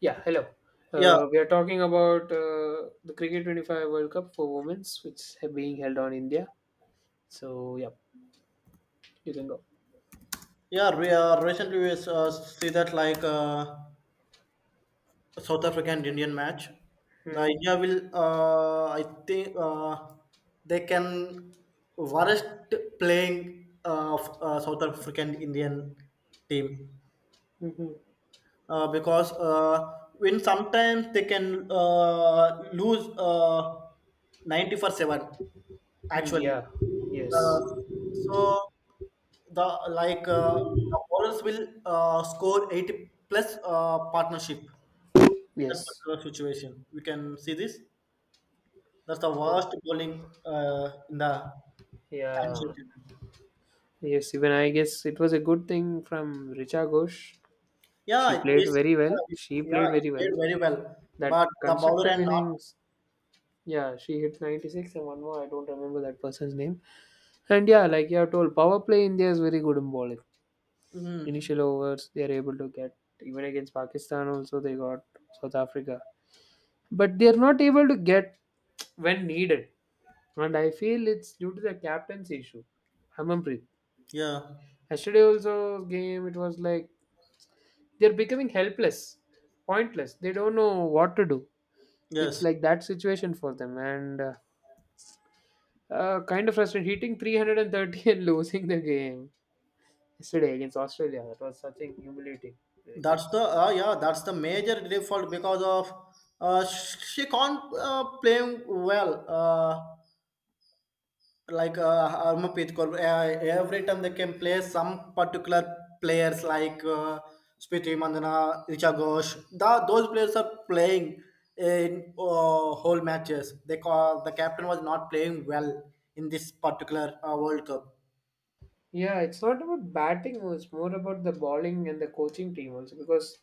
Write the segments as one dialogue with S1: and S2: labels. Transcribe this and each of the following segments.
S1: Yeah, hello.
S2: Yeah,
S1: We are talking about the Cricket 25 World Cup for women's, which is being held on India. So, yeah, you can go.
S2: yeah. Recently, we see that South African Indian match. The
S1: Hmm.
S2: India will, I think, they can worst playing of South African Indian team.
S1: Mhm.
S2: Because when sometimes they can lose 90 for 7
S1: Hmm.
S2: actually.
S1: Yeah, yes,
S2: uh, so the the bowlers will score 80 plus partnership. That
S1: yes,
S2: particular situation we can see this. That's the
S1: Uh,
S2: worst bowling in the
S1: yeah,
S2: situation.
S1: yes. Even I guess it was a good thing from Richa Ghosh.
S2: Yeah,
S1: She played
S2: it's,
S1: very well.
S2: it's
S1: She
S2: yeah,
S1: played
S2: it
S1: very well.
S2: played very well,
S1: That
S2: but the bowler
S1: constructive
S2: and not.
S1: innings, yeah, she hit 96 and one more. I don't remember that person's name. And yeah, like you have told, power play India is very good in bowling.
S2: Hmm.
S1: Initial overs they are able to get, even against Pakistan also they got, South Africa, but they are not able to get when needed. And I feel it's due to the captain's issue, Hamanpreet.
S2: Yeah,
S1: Yesterday also game it was like they're becoming helpless, pointless, they don't know what to do. It's
S2: yes.
S1: like that situation for them and kind of frustrating, hitting 330 and losing the game yesterday against Australia. That was such a humiliating.
S2: That's the yeah, that's the major default because of she can't playing well. Like Harmanpreet Kaur, every time they can play some particular players like Smriti Mandana, Richa Ghosh. The, those players are playing in whole matches. They call the captain was not playing well in this particular World Cup.
S1: Yeah, it's not about batting, no, it's more about the bowling and the coaching team also. Because,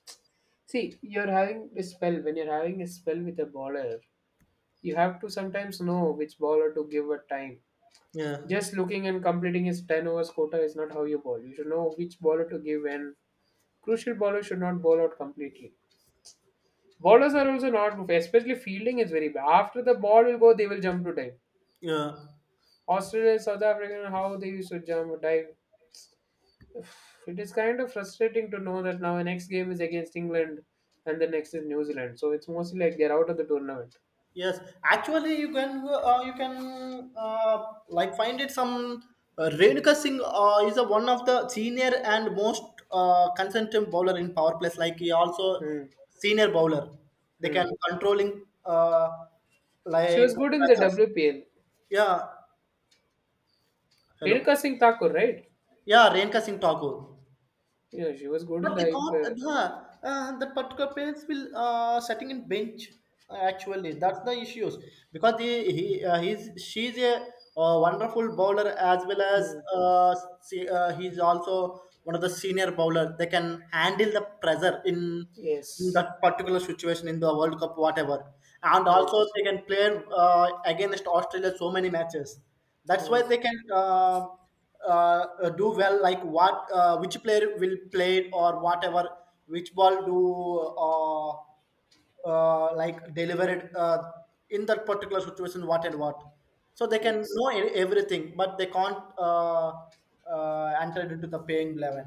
S1: see, you're having a spell. When you're having a spell with a bowler, you have to sometimes know which bowler to give at time.
S2: Yeah,
S1: Just looking and completing his 10 overs quota is not how you bowl. You should know which bowler to give, and crucial bowlers should not bowl out completely. Bowlers are also not, especially fielding is very bad. After the ball will go, they will jump to dive.
S2: yeah.
S1: Australia, South Africa, how they used to jump, dive. It is kind of frustrating to know that now the next game is against England and the next is New Zealand. So it's mostly like they're out of the tournament.
S2: Yes, actually, you can like find it some Renuka Singh is a, one of the senior and most consistent bowler in power plays. Like he also
S1: Hmm.
S2: senior bowler, they
S1: Hmm.
S2: can controlling
S1: She
S2: like
S1: was good in the
S2: pressures.
S1: WPL.
S2: Yeah, hello.
S1: Renuka Singh Thakur, right?
S2: Yeah, Renuka Singh Thakur.
S1: Yeah, she was good in
S2: But they
S1: the. Uh,
S2: can't, the particular parents will sitting in bench actually. That's the issues because he he's she's a wonderful bowler as well as
S1: hmm.
S2: uh, he's also one of the senior bowler. They can handle the pressure in
S1: Yes.
S2: that particular situation in the World Cup, whatever. And also
S1: Yes.
S2: they can play against Australia so many matches. That's why
S1: Hmm.
S2: they can. Do well like what which player will play it or whatever which ball do uh, like deliver it in that particular situation what and what, so they can
S1: Yes.
S2: know everything but they can't uh, enter it into the paying 11.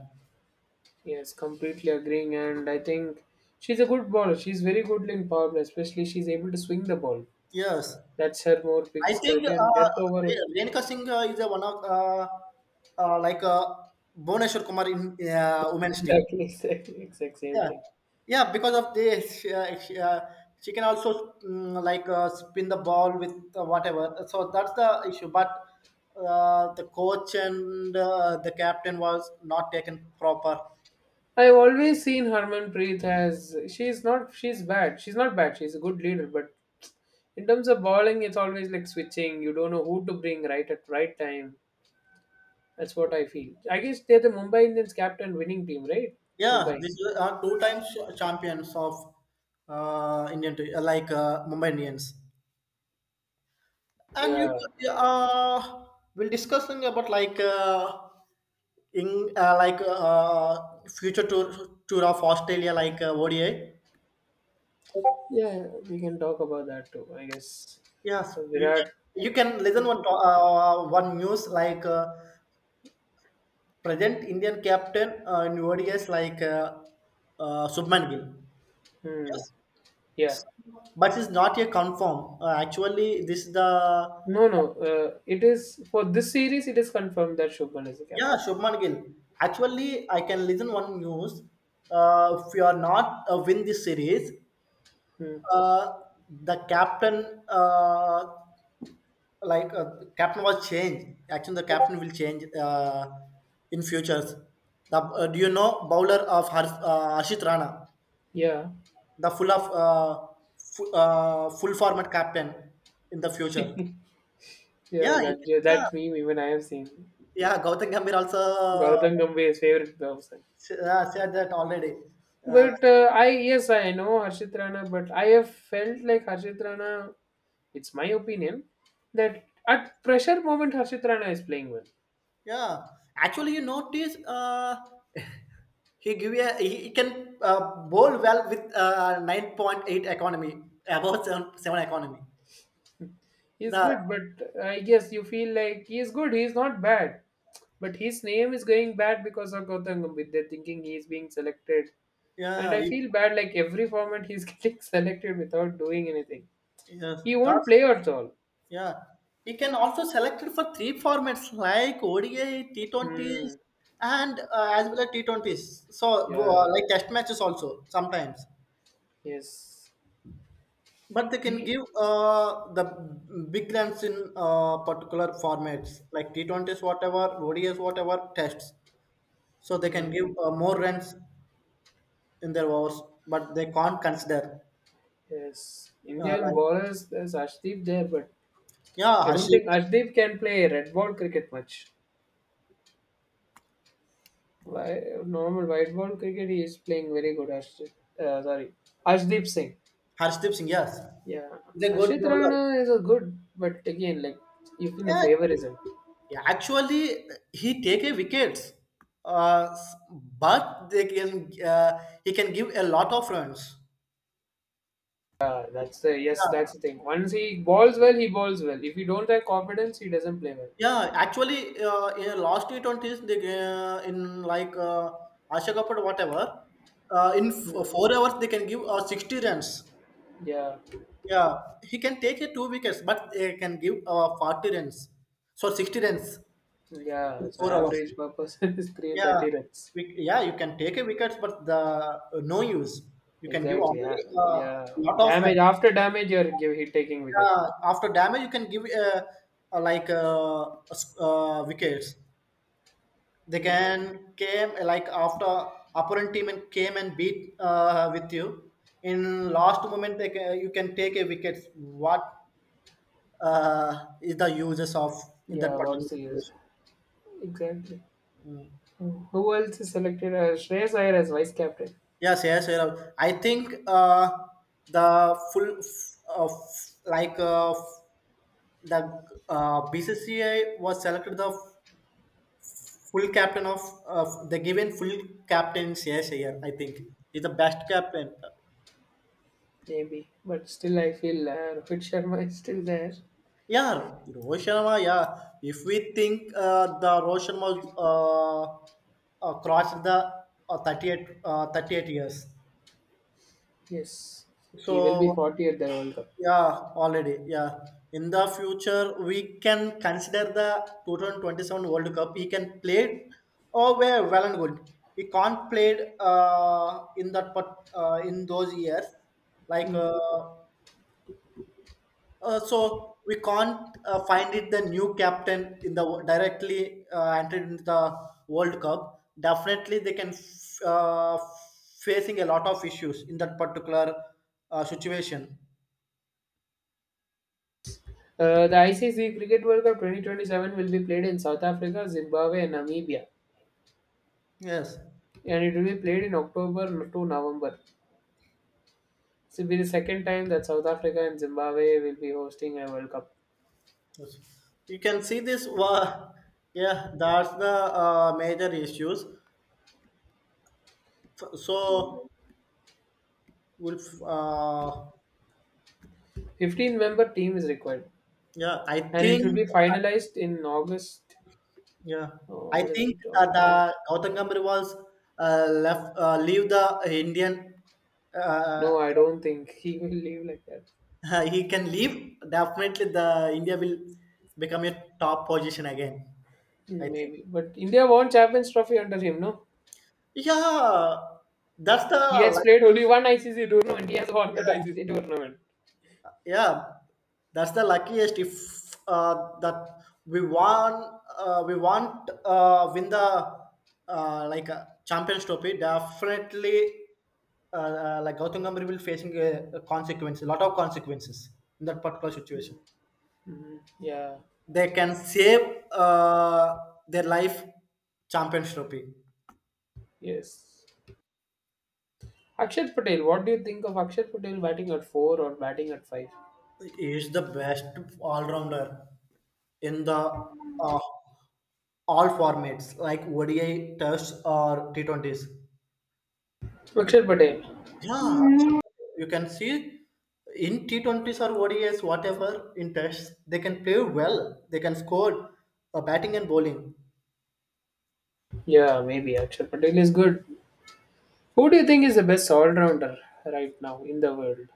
S1: Yes. Completely agreeing. And I think she's a good bowler. She's very good in power play, especially she's able to swing the ball.
S2: Yes,
S1: That's her more
S2: I
S1: biggest
S2: think
S1: criteria. And death over.
S2: Renika singh is a one of uh, like uh, Bhuvneshwar kumar in women's team.
S1: Exactly. Exactly. Exact same
S2: Yeah,
S1: thing.
S2: yeah. Because of this, she can also spin the ball with whatever. So that's the issue. But the coach and the captain was not taken proper.
S1: I've always seen Harmanpreet as she's bad. She's not bad. She's a good leader, but in terms of bowling, it's always like switching. You don't know who to bring right at right time. That's what I feel. I guess they're the Mumbai Indians captain winning team, right?
S2: Yeah,
S1: Mumbai.
S2: this is two times champions of Indian te- like Mumbai Indians. And you
S1: Yeah.
S2: uh, we'll discussing about like in like future tour of Australia ODI.
S1: Yeah, we can talk about that too. I guess
S2: Yes, you can
S1: Virat.
S2: you can listen one news present Indian captain in ODS Subman Gill.
S1: Hmm.
S2: Yes,
S1: Yeah.
S2: but it's not a confirm. Actually, this is the
S1: No, no. It is for this series. It is confirmed that Shubman is the
S2: yeah
S1: captain.
S2: Shubman Gill. Actually, I can listen one news. If you are not win this series,
S1: Hmm.
S2: uh, the captain uh, the captain was changed. Actually, the captain will change in futures. The do you know bowler of Harshit Rana,
S1: Yeah.
S2: the full format captain in the future.
S1: yeah.
S2: Yeah, he-
S1: That yeah,
S2: yeah,
S1: that meme even I have seen.
S2: yeah. Gautam Gambhir also
S1: Gautam Gambhir is favorite person.
S2: said that already. Uh,
S1: But I, yes, I know Harshit Rana, but I have felt like Harshit Rana. It's my opinion that at pressure moment Harshit Rana is playing well.
S2: yeah, actually, you notice he give a he can bowl well with 9.8 economy above seven economy.
S1: He's
S2: The
S1: good, but I guess you feel like he's good. He's not bad, but his name is going bad because of Gautam Gambhir. They're thinking he's being selected, and
S2: yeah,
S1: I
S2: it,
S1: feel bad. Like every format he's getting selected without doing anything.
S2: yes,
S1: He won't
S2: that's
S1: play at all.
S2: yeah. You can also select it for three formats like ODI,
S1: Hmm.
S2: T20s, and as well as T20s. So
S1: Yeah.
S2: like test matches also sometimes,
S1: Yes.
S2: but they can
S1: He.
S2: give the big runs in particular formats like T20s, whatever ODIs, whatever tests. So they can
S1: Hmm.
S2: give more runs in their overs, but they can't consider
S1: Yes,
S2: uh,
S1: Indian
S2: like
S1: bowlers. There's Ashdeep there, but
S2: yeah,
S1: I don't think Ashdeep can play red ball cricket much. Why normal white ball cricket? He is playing very good. Ashdeep, sorry, Ashdeep Singh.
S2: Harshdeep Singh, yes.
S1: Yeah,
S2: He's a good
S1: Ashit
S2: bowler.
S1: Rana is a good, but again, like even a
S2: Yeah,
S1: favoritism.
S2: yeah, actually, he take a wickets, uh, s- but they can he can give a lot of runs.
S1: Yeah, that's the yes, that's
S2: Yeah,
S1: the thing. Once he bowls well, he bowls well. If he don't have confidence, he doesn't play well.
S2: yeah. Actually, in last T20s, they in like Asha Cup or whatever,
S1: Hmm.
S2: 4 hours they can give 60 runs.
S1: Yeah,
S2: Yeah, he can take a two wickets, but they can give 40 runs. So 60 runs
S1: yeah.
S2: in
S1: So
S2: 4 hours.
S1: average per person is three
S2: Yeah,
S1: thirty runs.
S2: yeah, you can take a wickets, but the no use. You can give
S1: Exactly. Yeah.
S2: already a
S1: yeah.
S2: lot of run.
S1: Damage after damage, you're give, hit taking wicket.
S2: Yeah, after damage, you can give wickets. They
S1: Hmm.
S2: can came like after opponent team and came and beat with you. In last moment, you can take a wicket. What is the uses of in
S1: Yeah.
S2: that
S1: What's
S2: particular
S1: the use?
S2: situation?
S1: Exactly. Hmm. Who else is selected? Shreyas Iyer as vice captain,
S2: Yes, yes, yes. I think the full f- like f- the BCCI was selected the full captain of the given full captains. Yes, here I R. I think is the best captain.
S1: maybe. But still, I feel Rohit Sharma is still there.
S2: Yeah, Rohit Sharma. Yeah, if we think the Rohit Sharma uh, crossed the 38 years,
S1: Yes, he will be
S2: so
S1: 40 at the World Cup.
S2: yeah, already. Yeah. In the future, we can consider the 2027 World Cup. He can play oh well, well and good. He can't play in those years. Like
S1: Hmm.
S2: uh, so, we can't find it the new captain in the directly entered into the World Cup. Definitely, they can facing a lot of issues in that particular situation.
S1: The ICC Cricket World Cup 2027 will be played in South Africa, Zimbabwe, and Namibia,
S2: Yes.
S1: and it will be played in October to November. This will be the second time that South Africa and Zimbabwe will be hosting a World Cup.
S2: Yes. You can see this. Yeah, that's the major issues. So, will uh,
S1: 15 member team is required
S2: yeah, I
S1: and it should
S2: think
S1: be finalized in August.
S2: yeah,
S1: Oh, what is it? Oh,
S2: the
S1: hmm.
S2: Gautam Gambhir was left leave the Indian. Uh,
S1: No, I don't think he will leave like that.
S2: he can leave. Definitely, the India will become a top position again. I
S1: Hmm,
S2: think.
S1: maybe. But India won Champions Trophy under him, no?
S2: Yeah, that's the
S1: He has
S2: like,
S1: played only one ICC tournament. He has won that
S2: yeah,
S1: ICC tournament.
S2: yeah, that's the luckiest if that we want we want win the champions trophy definitely like Gautam Gambhir will facing a consequence a lot of consequences in that particular situation
S1: Mhm. Yeah.
S2: they can save uh, their life champions trophy
S1: Yes. Akshat Patel. What do you think of Akshat Patel batting at four or batting at five?
S2: is the best all-rounder in the uh, all formats like ODI tests or T20s.
S1: Akshat Patel.
S2: Yeah, you can see in T20s or ODIs, whatever in tests, they can play well. They can score batting and bowling.
S1: Yeah, maybe Akshat Patel is good. Who do you think is the best all-rounder right now in the world?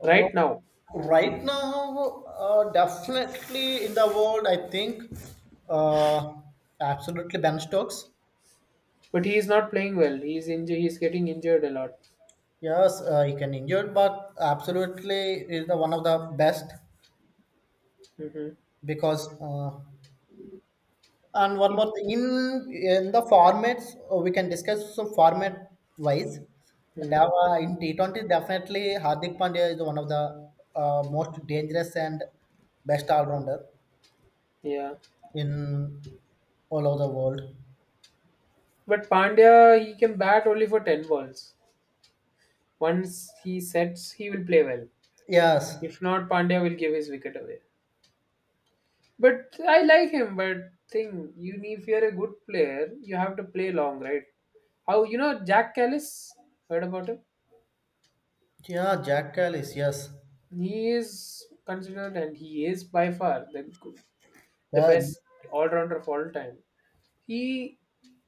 S2: Oh,
S1: Right now.
S2: right now, definitely in the world, I think uh, absolutely Ben Stokes.
S1: But he is not playing well. He's getting injured a lot.
S2: Yes, he can injure, but absolutely is the one of the best
S1: Hmm.
S2: because. And one
S1: He-
S2: more thing, in the formats we can discuss some format wise.
S1: hmm.
S2: Dava in T 20 definitely Hardik Pandya is one of the most dangerous and best all rounder
S1: Yeah.
S2: in all over the world.
S1: But Pandya, he can bat only for 10 balls. Once he sets, he will play well.
S2: Yes,
S1: If not, Pandya will give his wicket away. But I like him. But thing, you need, if you're a good player, you have to play long, right? How you know Jack Callis? Heard about him?
S2: yeah, Jack Callis, yes,
S1: He is considered, and he is by far the
S2: yeah,
S1: best all rounder of all time. He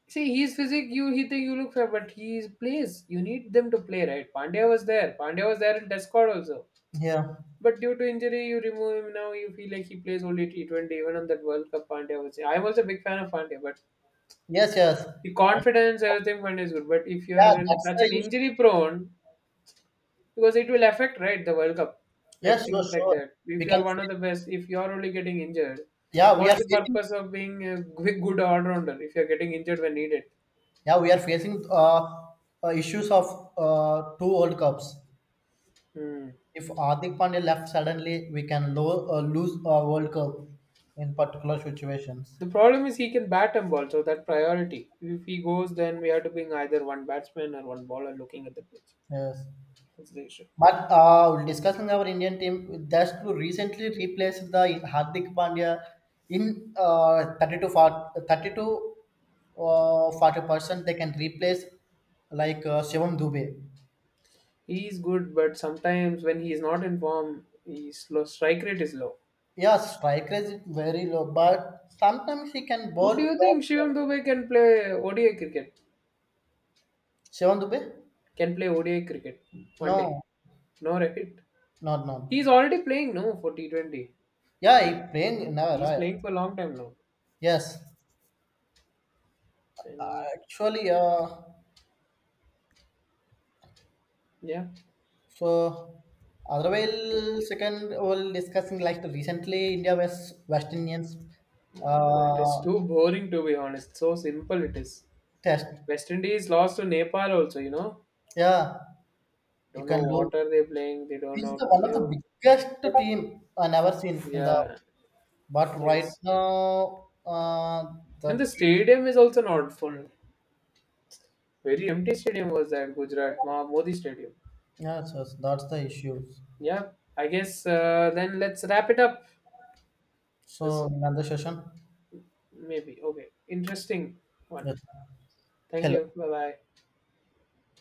S1: see he's physic. You he think you look for but he plays. You need them to play, right? Pandya was there. In test squad also.
S2: yeah,
S1: But due to injury you remove him, now you feel like he plays only T 20. Even on that World Cup Pandya was, I'm also a big fan of Pandya, but
S2: yes, yes,
S1: the
S2: I,
S1: confidence, everything Pandya is good. But if you
S2: yeah,
S1: are in
S2: that's
S1: such
S2: the
S1: an
S2: issue.
S1: injury prone, because it will affect right the World Cup. Like
S2: Yes, sure,
S1: things like
S2: sure.
S1: that.
S2: We
S1: If you
S2: can
S1: are one of the best, if you are only getting injured,
S2: yeah, we are
S1: what's the
S2: facing.
S1: purpose of being a good all rounder if you're getting injured when needed?
S2: Yeah, we are facing issues of two World Cups.
S1: Hmm.
S2: If Hardik Pandya left suddenly, we can lose a World Cup in particular situations.
S1: The problem is he can bat him also, that priority. If he goes, then we have to bring either one batsman or one bowler looking at the pitch.
S2: Yes,
S1: That's the issue.
S2: but discussing our Indian team, that's to recently replaced the Hardik Pandya in uh, 30 to forty thirty to uh, 40%. They can replace like Shivam Dubey.
S1: He is good, but sometimes when he is not in form, his low, strike rate is low.
S2: Yeah, strike rate is very low, but sometimes he can bowl
S1: But do you
S2: well.
S1: think Shivam Dubey can play ODI cricket?
S2: Shivan Dubey?
S1: Can play ODI cricket one day?
S2: No,
S1: No, right?
S2: not.
S1: He's already playing, no, for T20.
S2: Yeah, he playing never
S1: He's
S2: right.
S1: playing for a long time now.
S2: Yes,
S1: Then,
S2: actually,
S1: yeah,
S2: so otherwise second we'll discussing like the recently India vs West Indians
S1: that is
S2: uh,
S1: too boring to be honest. So simple it is.
S2: test.
S1: West Indies lost to Nepal also, you know.
S2: Yeah, you
S1: Don't
S2: can
S1: know
S2: do.
S1: what are they playing. They don't know
S2: It's
S1: how
S2: the
S1: to
S2: one of
S1: play.
S2: the biggest team I never seen in the.
S1: Yeah,
S2: But right
S1: yes.
S2: now, the
S1: And the
S2: team.
S1: stadium is also not full. Very empty stadium was that Modi Stadium.
S2: Yes, yes, that's the issues.
S1: Yeah, I guess then let's wrap it up. That's
S2: So in another session,
S1: maybe okay. Interesting one.
S2: yes.
S1: Thank you.
S2: Hello.
S1: Bye bye.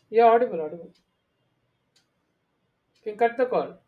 S1: Yeah, audible, audible. You can cut the call.